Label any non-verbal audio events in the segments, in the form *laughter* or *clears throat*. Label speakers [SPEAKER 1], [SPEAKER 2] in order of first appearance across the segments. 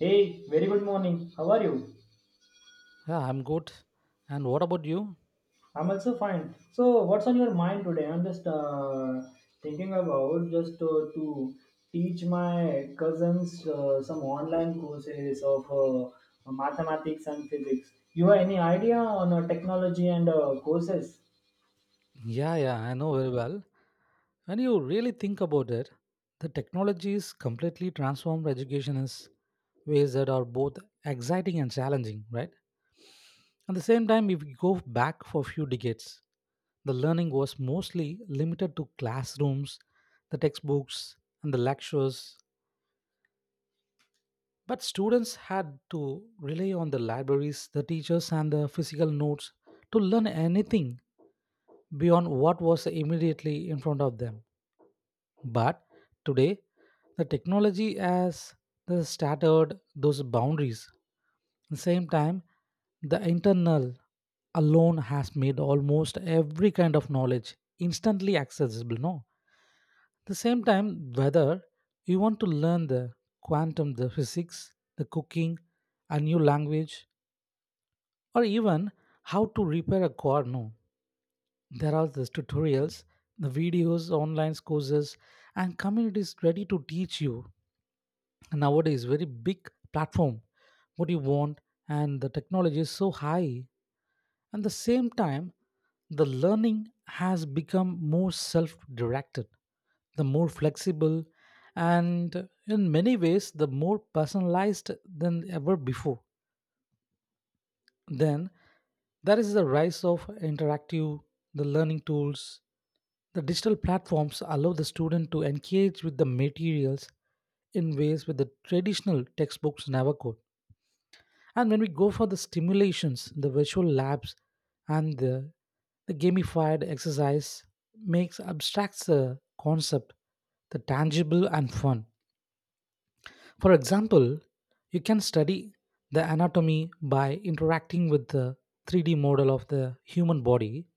[SPEAKER 1] Hey, very good morning. How are you?
[SPEAKER 2] Yeah, I'm good. And what about you?
[SPEAKER 1] I'm also fine. So, what's on your mind today? I'm just thinking about just to teach my cousins some online courses of mathematics and physics. You have any idea on technology and courses?
[SPEAKER 2] Yeah, yeah, I know very well. When you really think about it, the technology is completely transformed education in ways that are both exciting and challenging, right? At the same time, if we go back for a few decades, the learning was mostly limited to classrooms, the textbooks, and the lectures. But students had to rely on the libraries, the teachers, and the physical notes to learn anything beyond what was immediately in front of them. But today, the technology has this shattered those boundaries. At the same time, the internal alone has made almost every kind of knowledge instantly accessible. No, at the same time, whether you want to learn the quantum, the physics, the cooking, a new language, or even how to repair a car, no. There are these tutorials, the videos, online courses, and communities ready to teach you. And nowadays, very big platform, what you want, and the technology is so high. At the same time, the learning has become more self-directed, the more flexible, and in many ways, the more personalized than ever before. Then there is the rise of interactive, the learning tools. The digital platforms allow the student to engage with the materials in ways with the traditional textbooks never could. And when we go for the stimulations, the virtual labs and the gamified exercise makes abstracts the concept the tangible and fun. For example, you can study the anatomy by interacting with the 3D model of the human body,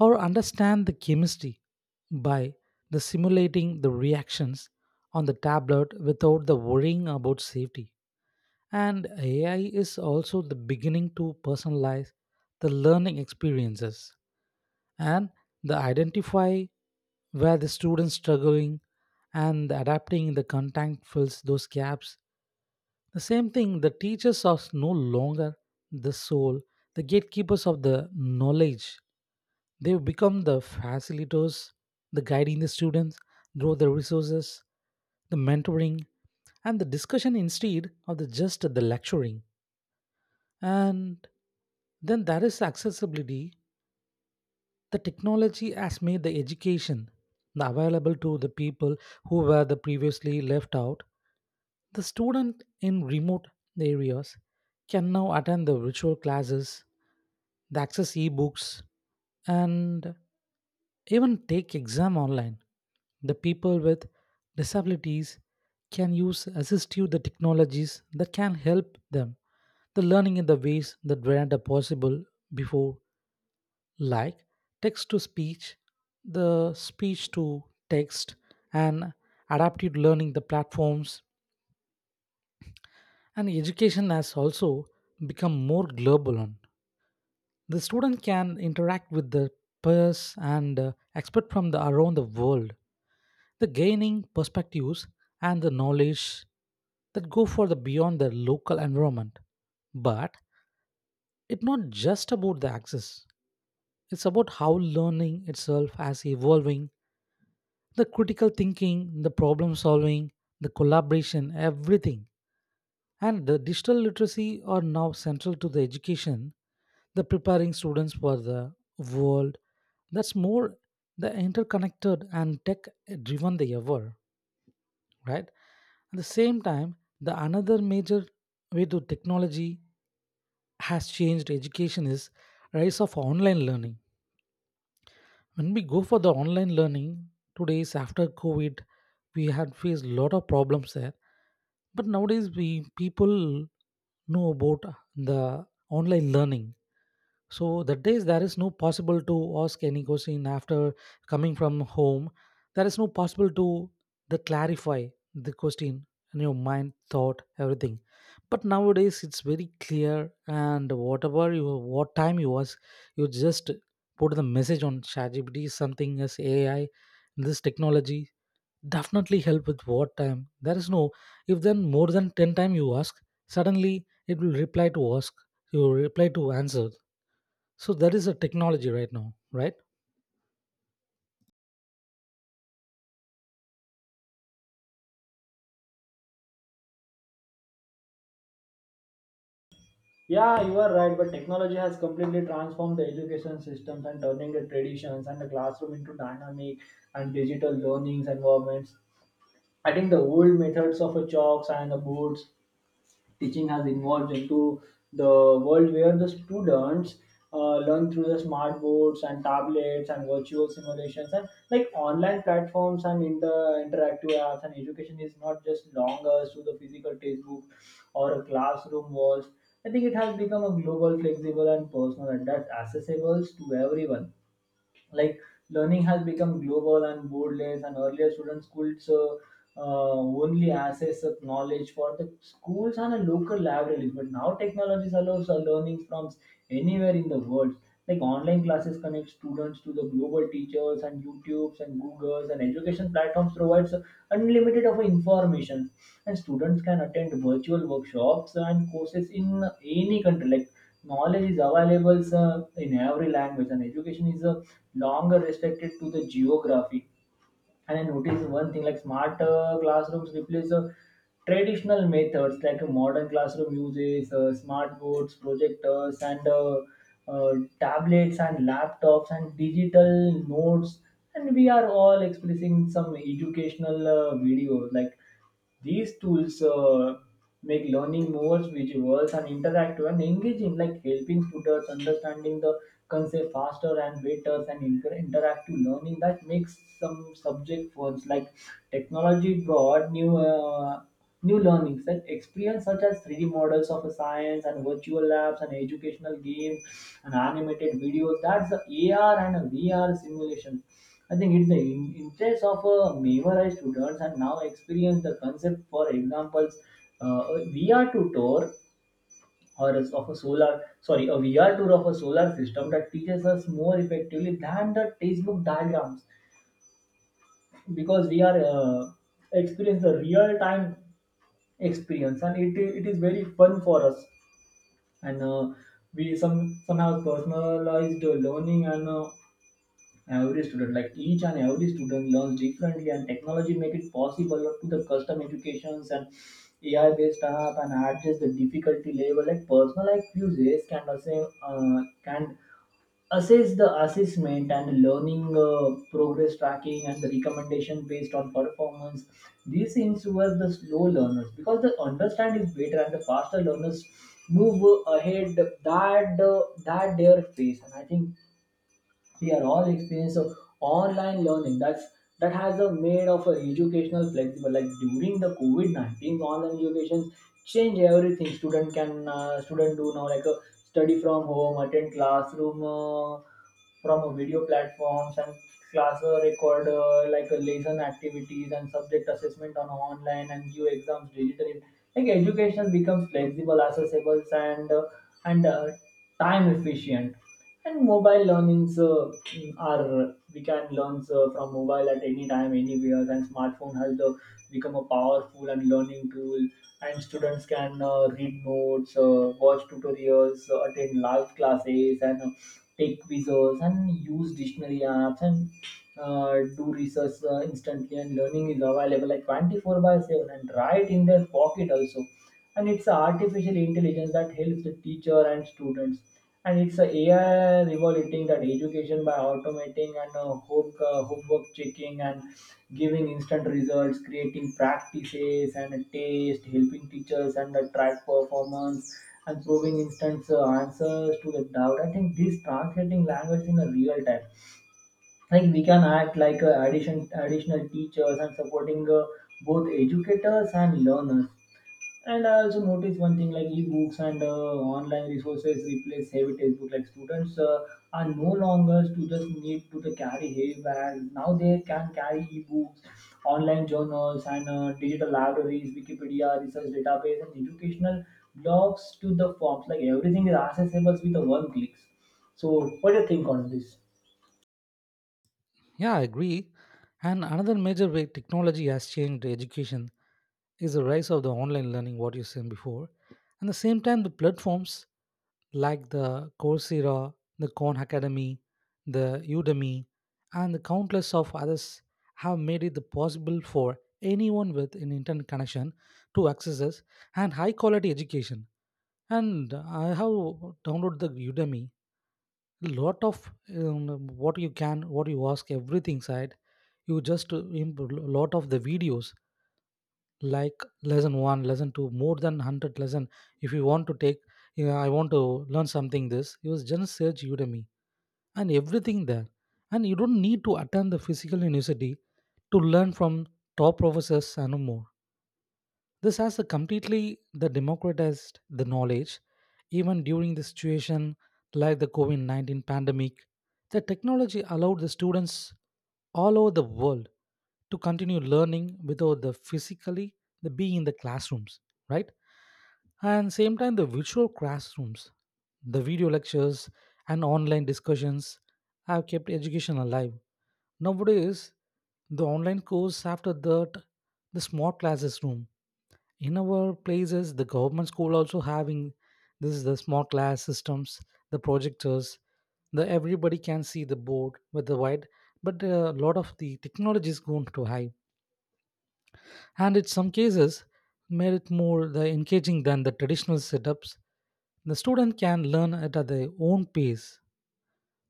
[SPEAKER 2] or understand the chemistry by the simulating the reactions on the tablet without the worrying about safety. And AI is also the beginning to personalize the learning experiences and the identify where the students struggling and adapting the content fills those gaps, the same thing, the teachers are no longer the soul, the gatekeepers of the knowledge. They become the facilitators, the guiding the students through the resources, the mentoring, and the discussion instead of the just the lecturing. And then there is accessibility, the technology has made the education the available to the people who were the previously left out. The student in remote areas can now attend the virtual classes, the access e-books, and even take exam online. The people with disabilities can use assistive the technologies that can help them the learning in the ways that were not possible before, like text to speech, the speech to text, and adaptive learning, the platforms, and education has also become more global. On. The student can interact with the peers and expert from the, around the world. The gaining perspectives and the knowledge that go for the beyond their local environment. But it's not just about the access. It's about how learning itself as evolving the critical thinking, the problem solving, the collaboration, everything. And the digital literacy are now central to the education, the preparing students for the world that's more the interconnected and tech driven they ever, right? At the same time, the another major way to technology has changed education is rise of online learning. When we go for the online learning today's after COVID, we had faced a lot of problems there, but nowadays we people know about the online learning. So that days there is no possible to ask any question after coming from home. There is no possible to the clarify the question in your mind thought everything, but nowadays it's very clear. And whatever you, what time you was, you just put the message on ChatGPT, something as AI. This technology definitely help with what time there is no, if then more than 10 time you ask, suddenly it will reply to ask, you will reply to answer. So that is a technology right now, right?
[SPEAKER 1] Yeah, you are right, but technology has completely transformed the education systems and turning the traditions and the classroom into dynamic and digital learnings environments. I think the old methods of chalks and the boards teaching has evolved into the world where the students learn through the smart boards and tablets and virtual simulations and like online platforms and in the interactive apps and education is not just longer to the physical textbook or a classroom walls. I think it has become a global, flexible and personal and that's accessible to everyone. Like learning has become global and borderless and earlier students could only access of knowledge for the schools and the local libraries. But now technologies allows a learning from anywhere in the world. Like online classes connect students to the global teachers and YouTubes and Googles and education platforms provides unlimited of information and students can attend virtual workshops and courses in any country. Like knowledge is available in every language and education is longer restricted to the geography and I noticed one thing like smart classrooms replace traditional methods like a modern classroom uses smart boards, projectors, and uh, tablets and laptops and digital notes. And we are all expressing some educational videos like these tools make learning more visual and interactive and engaging, like helping students understanding the concept faster and better and interactive learning that makes some subject ones like technology brought New learning such experience such as 3D models of a science and virtual labs and educational games and animated videos. That's the AR and a VR simulation. I think it's the interest of a memorized students and now experience the concept. For examples, a VR tour or as of a solar, sorry, a VR tour of a solar system that teaches us more effectively than the textbook diagrams because we are experience the real time experience and it is very fun for us and we somehow personalized learning and every student like each and every student learns differently and technology make it possible to the custom educations and ai based app and adjust the difficulty level like personalized quizzes can also can assess the assessment and learning progress tracking and the recommendation based on performance these things were the slow learners because the understand is better and the faster learners move ahead that their pace, and I think we are all experienced of online learning that's that has a made of a educational flexible like during the covid-19 online education change everything student do now like a study from home attend classroom from a video platforms and class record like a lesson activities and subject assessment on online and give exams digitally like education becomes flexible accessible and and uh, time efficient and mobile learnings are we can learn from mobile at any time anywhere and smartphone has become a powerful and learning tool and students can read notes watch tutorials attend live classes and take quizzes and use dictionary apps and do research instantly and learning is available like 24 by 7 and right in their pocket also and it's artificial intelligence that helps the teacher and students and it's a AI revoluting that education by automating and homework checking and giving instant results, creating practices and a test, helping teachers and the track performance and proving instant answers to the doubt. I think this translating language in a real time. Like we can act like additional teachers and supporting both educators and learners. And I also noticed one thing like ebooks and online resources replace heavy textbook. Like students are no longer to just need to the carry heavy bags. Now they can carry ebooks, online journals, and digital libraries, Wikipedia, research database, and educational blogs to the forms. Like everything is accessible with the one clicks. So, what do you think on this?
[SPEAKER 2] Yeah, I agree. And another major way technology has changed education is the rise of the online learning, what you said before. And the same time, the platforms like the Coursera, the Khan Academy, the Udemy, and the countless of others have made it possible for anyone with an internet connection to access us and high quality education. And I have downloaded the Udemy. A lot of what you can, what you ask, everything side. You just lot of the videos like lesson 1, lesson 2, more than 100 lesson, if you want to take, you know, I want to learn something this you was just search Udemy and everything there. And you don't need to attend the physical university to learn from top professors and more. This has a completely the democratized the knowledge, even during the situation like the COVID 19 pandemic. The technology allowed the students all over the world to continue learning without the physically the being in the classrooms, right? And same time, the virtual classrooms, the video lectures, and online discussions have kept education alive. Nowadays the online course after that, the smart classes room, in our places the government school also having this is the smart class systems, the projectors, the everybody can see the board with the white, but a lot of the technology is going to high. And in some cases made it more the engaging than the traditional setups, the student can learn it at their own pace,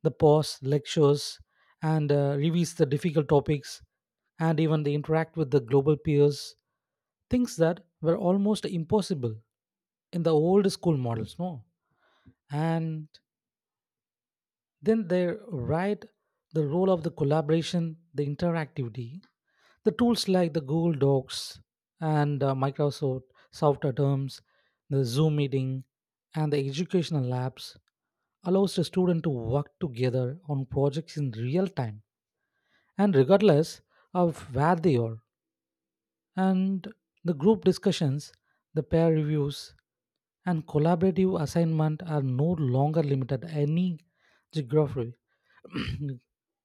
[SPEAKER 2] the pause, lectures, and reviews the difficult topics, and even they interact with the global peers, things that were almost impossible in the old school models, no? And then they write the role of the collaboration, the interactivity, the tools like the Google Docs and Microsoft software terms, the Zoom meeting, and the educational labs allows the student to work together on projects in real time and regardless of where they are and the group discussions, the peer reviews, and collaborative assignment are no longer limited any geography.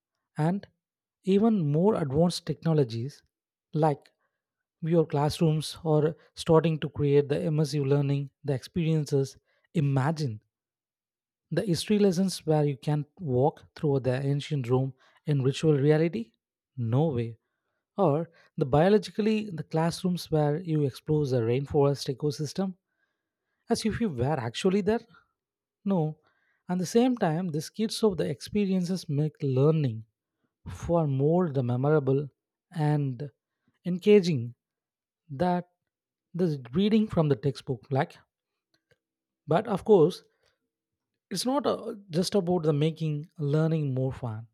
[SPEAKER 2] *clears throat* And even more advanced technologies like your classrooms are starting to create the immersive learning the experiences. Imagine the history lessons where you can walk through the ancient Rome in virtual reality, no way? Or the biologically the classrooms where you explore the rainforest ecosystem as if you were actually there? No. At the same time, the skits of the experiences make learning far more the memorable and engaging that the reading from the textbook like. But of course, it's not just about the making learning more fun.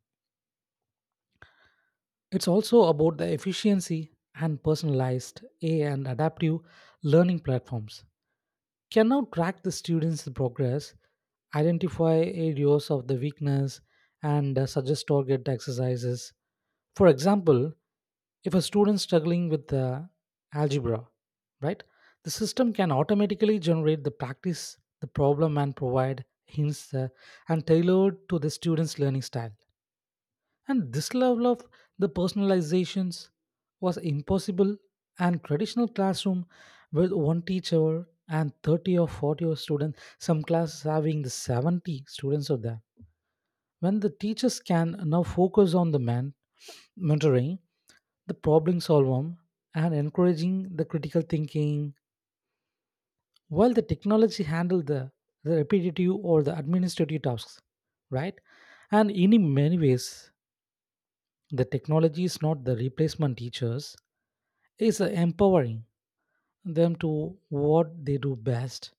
[SPEAKER 2] It's also about the efficiency and personalized A and adaptive learning platforms can now track the students' progress, identify areas of the weakness, and suggest target exercises. For example, if a student is struggling with algebra, right, the system can automatically generate the practice, the problem, and provide hints and tailored to the student's learning style. And this level of the personalizations was impossible and traditional classroom with one teacher and 30 or 40 or students, some classes having the 70 students of there. When the teachers can now focus on the man mentoring, the problem solving and encouraging the critical thinking while the technology handle the repetitive or the administrative tasks, right? And in many ways, the technology is not the replacement teachers is empowering them to what they do best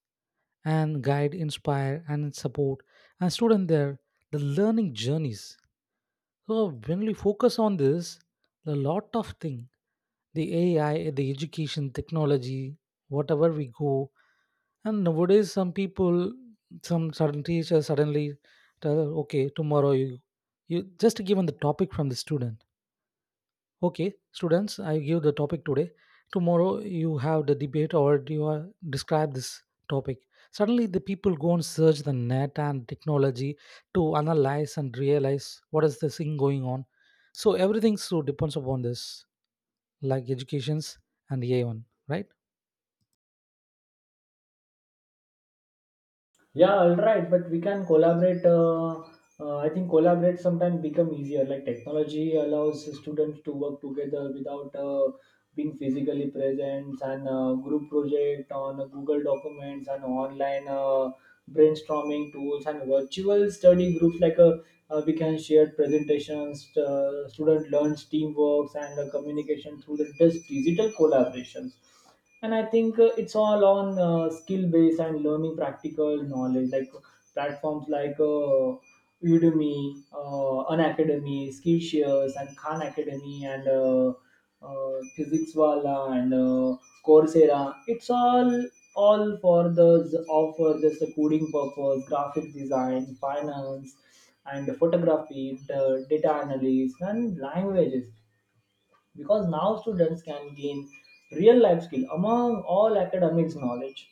[SPEAKER 2] and guide inspire and support and student their the learning journeys. So when we focus on this, a lot of thing, the AI, the education technology, whatever we go. And nowadays some people, some certain teacher suddenly tell, okay, tomorrow you, you just given the topic from the student. Okay, students, I give the topic today. Tomorrow you have the debate or you are, describe this topic. Suddenly the people go and search the net and technology to analyze and realize what is the thing going on. So everything so depends upon this, like educations and AI1, right?
[SPEAKER 1] Yeah, all right, but we can collaborate. I think collaborate sometimes become easier. Like technology allows students to work together without being physically present, and group project on Google Documents and online brainstorming tools and virtual study groups. Like we can share presentations. Student learns teamwork and communication through the just digital collaborations and I think it's all on skill based and learning practical knowledge like platforms like udemy unacademy skillshare and khan academy and physics wala and coursera it's all for the offer just a coding purpose graphic design finance and photography the data analysis and languages because now students can gain real life skill among all academics knowledge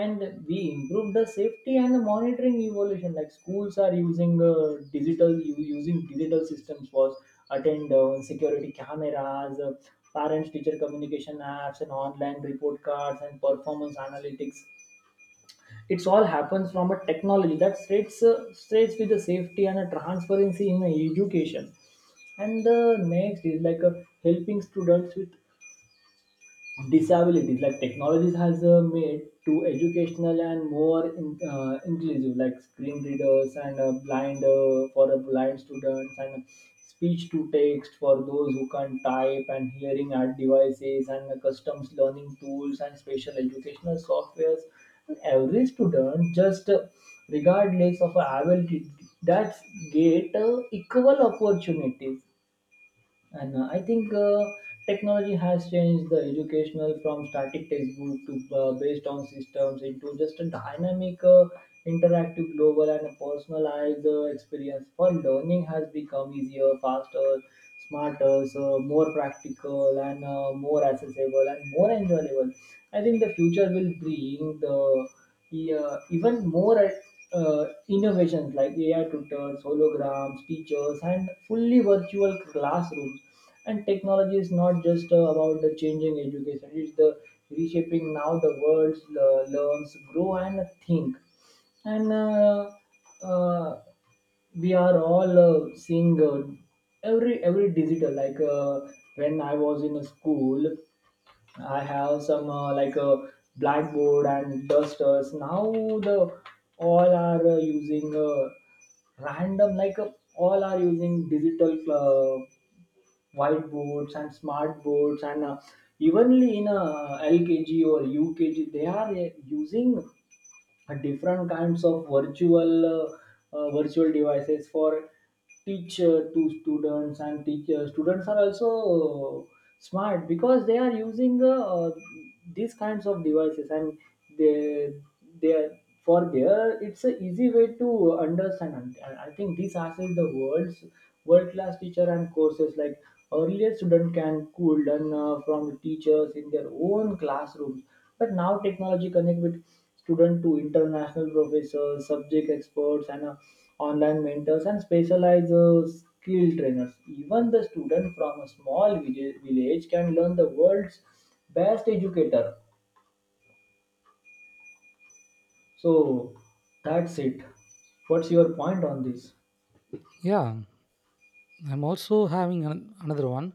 [SPEAKER 1] and we improve the safety and the monitoring evolution like schools are using digital using digital systems for attendance security cameras parents teacher communication apps and online report cards and performance analytics it's all happens from a technology that starts with the safety and a transparency in education. And the next is like helping students with disabilities like technologies has made to educational and more inclusive like screen readers and blind for blind students and speech to text for those who can't type and hearing aid devices and customs learning tools and special educational softwares and every student just regardless of ability that's get equal opportunities and I think technology has changed the educational from static textbook to based on systems into just a dynamic, interactive, global, and a personalized experience. For learning has become easier, faster, smarter, so more practical, and more accessible and more enjoyable. I think the future will bring the yeah, even more innovations like AI tutors, holograms, teachers, and fully virtual classrooms. And technology is not just about the changing education; it's the reshaping now the world learns, grow, and think. And uh, we are all seeing every digital. Like when I was in a school, I have some like a blackboard and dusters. Now the all are using random like all are using digital whiteboards and smart boards and evenly in LKG or UKG they are using and different kinds of virtual virtual devices for teacher to students and teachers students are also uh, smart because they are using these kinds of devices and they they are for their it's a easy way to understand and I think this has in the world's world class teacher and courses like earlier student can cool learn from teachers in their own classrooms but now technology connect with Student to international professors, subject experts, and online mentors and specialized skill trainers. Even the student from a small village can learn the world's best educator. So that's it. What's your point on this?
[SPEAKER 2] Yeah, I'm also having an, another one.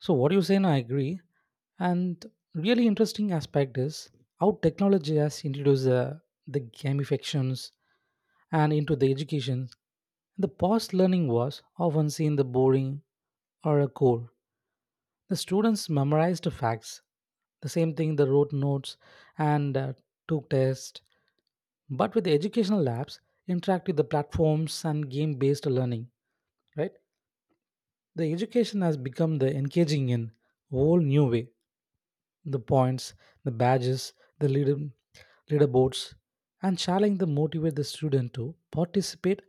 [SPEAKER 2] So what you say, and I agree. And really interesting aspect is how technology has introduced the gamifications and into the education, the past learning was often seen the boring or a core. The students memorized facts, the same thing they wrote notes and took tests. But with the educational labs, interact with the platforms and game-based learning, right? The education has become the engaging in whole new way. The points, the badges, the leader, leaderboards, and challenge them motivate the student to participate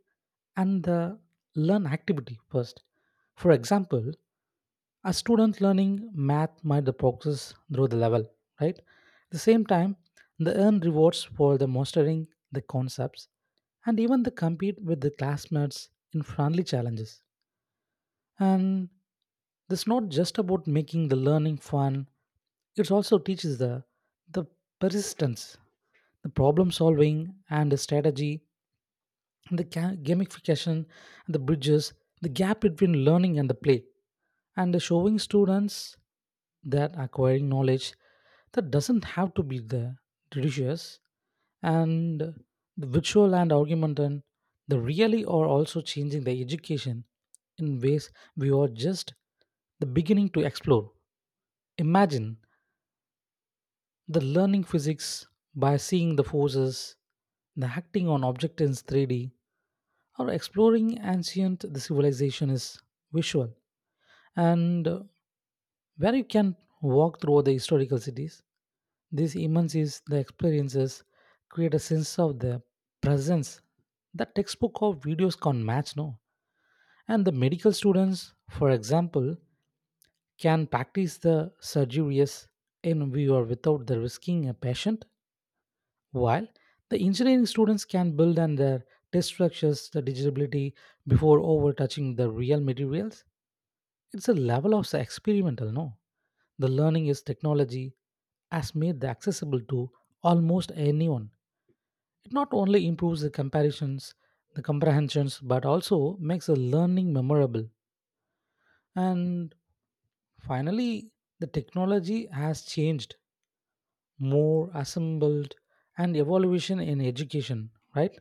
[SPEAKER 2] and the learn activity first. For example, a student learning math might the progress through the level, right? At the same time, they earn rewards for the mastering the concepts and even they compete with the classmates in friendly challenges. And it's not just about making the learning fun, it also teaches the persistence, the problem solving, and the strategy, and the gamification, and the bridges, the gap between learning and the play, and the showing students that acquiring knowledge that doesn't have to be the delicious. And the virtual and argument and the really are also changing the education in ways we are just the beginning to explore. Imagine the learning physics by seeing the forces, the acting on objects in 3D, or exploring ancient the civilization is visual and where you can walk through the historical cities. This immerses the experiences, create a sense of the presence that textbook or videos can't match no. And the medical students, for example, can practice the surgeries in VR without the risking a patient, while the engineering students can build and their test structures, the digitability before over touching the real materials. It's a level of experimental, no? The learning is technology has made the accessible to almost anyone. It not only improves the comparisons, the comprehensions, but also makes the learning memorable. And finally, the technology has changed more, assembled, and evolution in education, right?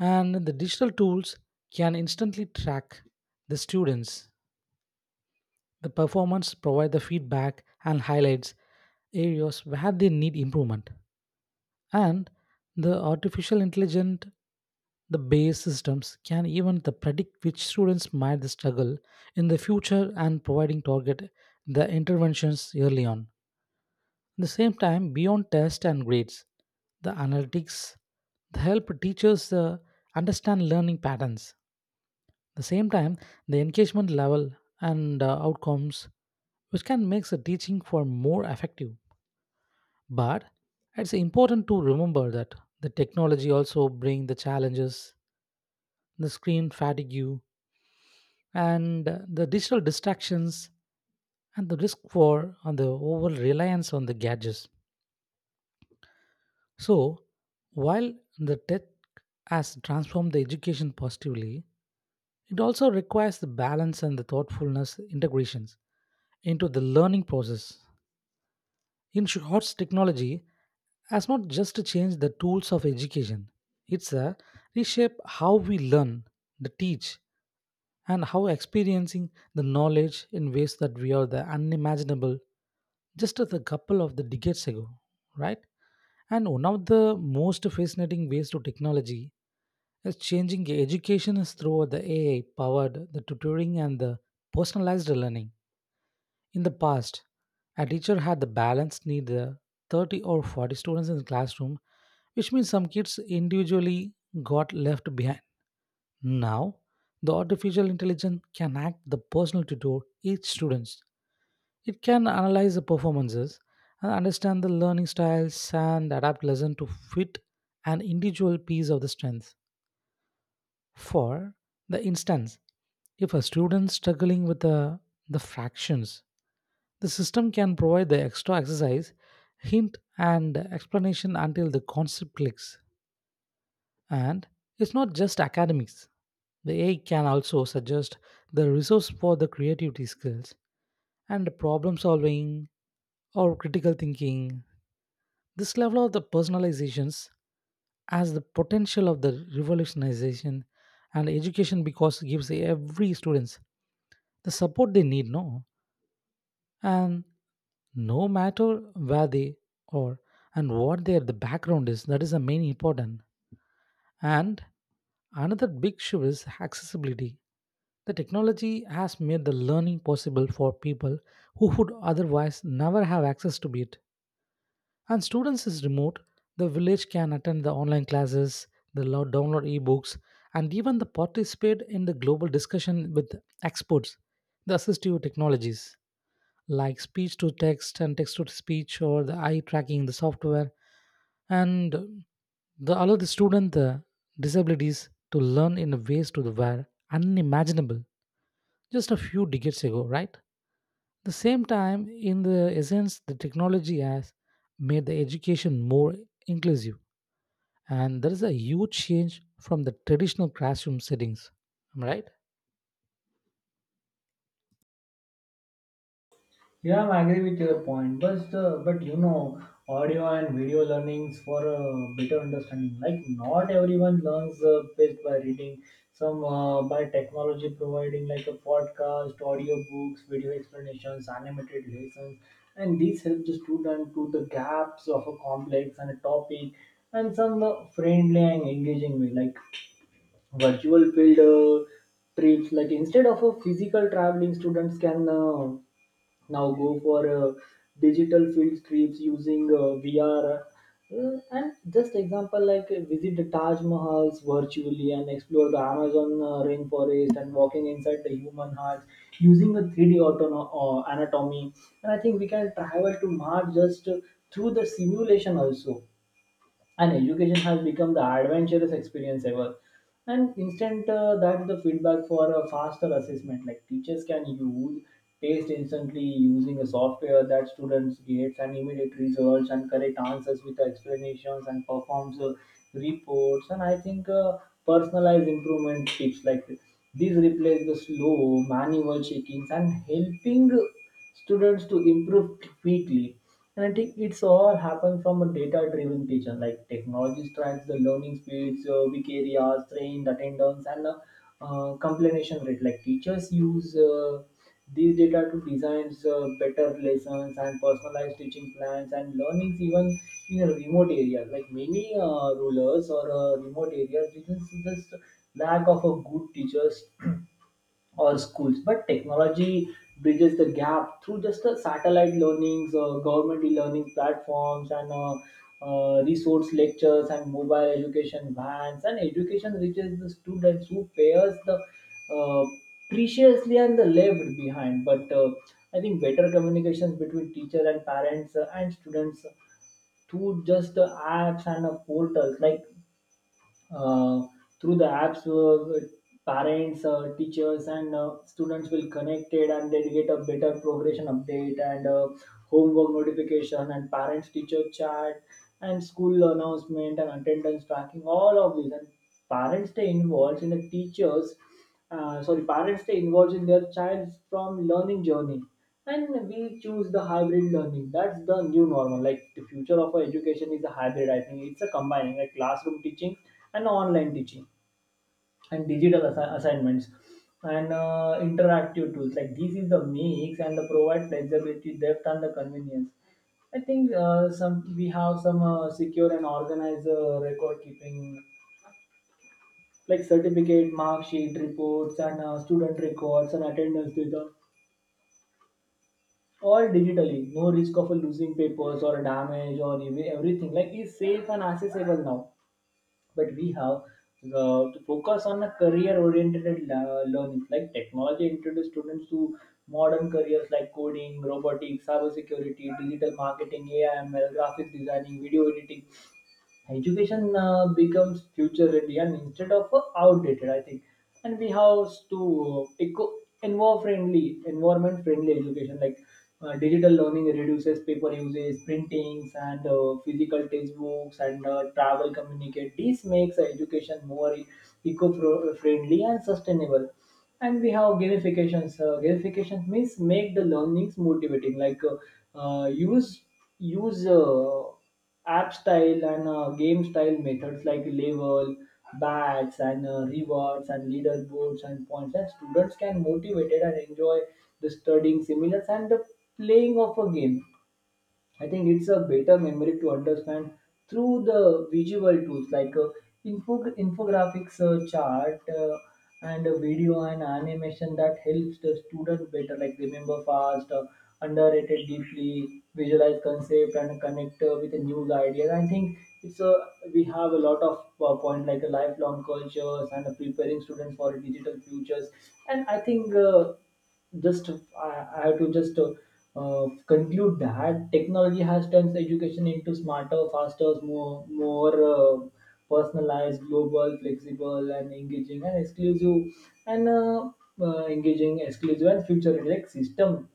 [SPEAKER 2] And the digital tools can instantly track the students, the performance, provide the feedback, and highlights areas where they need improvement. And the artificial intelligence. The base systems can even the predict which students might struggle in the future and providing target the interventions early on. At the same time, beyond tests and grades, the analytics the help teachers understand learning patterns. At the same time, the engagement level and outcomes, which can make the teaching for more effective. But it's important to remember that the technology also bring the challenges, the screen fatigue, and the digital distractions and the risk for on the over reliance on the gadgets. So, while the tech has transformed the education positively, it also requires the balance and the thoughtfulness integrations into the learning process. In short, technology has not just to change the tools of education, it's a reshape how we learn, the teach, and how experiencing the knowledge in ways that we are the unimaginable just a couple of the decades ago, right? And one of the most fascinating ways to technology is changing education is through the AI powered the tutoring and the personalized learning. In the past, a teacher had the balance need the 30 or 40 students in the classroom, which means some kids individually got left behind. Now, the artificial intelligence can act the personal tutor each student. It can analyze the performances and understand the learning styles and adapt lesson to fit an individual piece of the strength. For the instance, if a student struggling with the fractions, the system can provide the extra exercise, hint and explanation until the concept clicks. And it's not just academics. The AI can also suggest the resource for the creativity skills and problem solving or critical thinking. This level of the personalizations has the potential of the revolutionization and education because it gives every students the support they need, no? And no matter where they are and what their the background is, that is the main important. And another big issue is accessibility. The technology has made the learning possible for people who would otherwise never have access to it. And students is remote the village can attend the online classes, the download ebooks and even the participate in the global discussion with experts. The assistive technologies like speech to text and text to speech or the eye tracking the software and the allow the student the disabilities to learn in ways to the were unimaginable just a few decades ago, right? The same time in the essence the technology has made the education more inclusive, and there is a huge change from the traditional classroom settings. Am I right?
[SPEAKER 1] Yeah, I agree with your point. But you know, audio and video learnings for a better understanding. Like not everyone learns best by reading. Some by technology providing like a podcast, audio books, video explanations, animated lessons, and these help the student to the gaps of a complex and a topic, and some friendly and engaging way like virtual field trips. Like instead of a physical traveling, students can. Now go for digital field trips using VR. And just example like visit the Taj Mahals virtually and explore the Amazon rainforest and walking inside the human heart using the 3D anatomy. And I think we can travel to Mars just through the simulation also and education has become the adventurous experience ever and instant that's the feedback for a faster assessment like teachers can use taste instantly using a software that students get and immediate results and correct answers with explanations and performs reports and I think personalized improvement tips like these replace the slow manual checkings and helping students to improve quickly. And I think it's all happened from a data-driven teaching, like technology tracks the learning speeds, weak areas, trained attendance, and completion rate. Like teachers use these data to design better lessons and personalized teaching plans and learnings even in a remote area. Like many rulers or remote areas, this is just lack of a good teachers or schools. But technology bridges the gap through just the satellite learnings, government e-learning platforms, and resource lectures and mobile education vans. And education reaches the students who pairs the uh, preciously and the left behind. But I think better communications between teacher and parents and students through just the apps and portals like uh, through the apps, parents, teachers, and students will connected, and they get a better progression update and homework notification and parents-teacher chat and school announcement and attendance tracking. All of these and parents stay involved in the teachers, sorry, parents stay involved in their child's from learning journey, and we choose the hybrid learning. That's the new normal. Like the future of our education is a hybrid, I think. It's a combining like classroom teaching and online teaching and assignments and interactive tools. Like this is the mix and the provide flexibility, depth, and the convenience. I think uh, some we have some secure and organized record keeping like certificate, mark sheet, reports, and student records and attendance data, all digitally. No risk of losing papers or damage or even everything. Like it's safe and accessible now. But we have to focus on a career-oriented learning. Like technology introduced students to modern careers like coding, robotics, cybersecurity, digital marketing, AI, ML, graphics designing, video editing, education becomes future ready and instead of outdated, I think. And we have to eco envo friendly environment friendly education. Like digital learning reduces paper usage, printings, and physical textbooks, and travel communicate. This makes education more eco friendly and sustainable. And we have gamifications. Gamifications means make the learnings motivating. Like uh, use use app style and game style methods like level, badges, and rewards, and leaderboards and points. And students can motivated and enjoy the studying similar and the playing of a game. I think it's a better memory to understand through the visual tools like infographics, chart, and a video and animation that helps the student better like remember fast, underrated deeply, visualize concept, and connect with a new idea. I think it's a, we have a lot of point like a lifelong cultures and preparing students for digital futures. And I have to just conclude that technology has turned education into smarter, faster, more personalized, global, flexible, and engaging and exclusive, and engaging, exclusive, and future like system.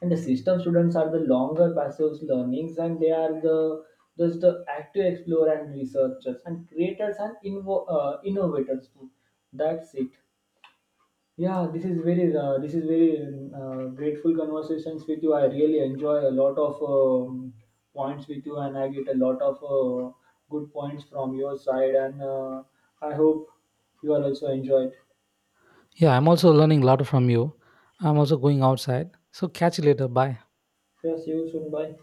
[SPEAKER 1] And the system students are the longer passive learnings, and they are the just the active explorer and researchers and creators and innovators too. That's it. Yeah, this is very grateful conversations with you. I really enjoy a lot of points with you, and I get a lot of good points from your side. And I hope you are also enjoyed.
[SPEAKER 2] Yeah, I'm also learning a lot from you. I'm also going outside. So catch you later. Bye.
[SPEAKER 1] Yeah, see you soon. Bye.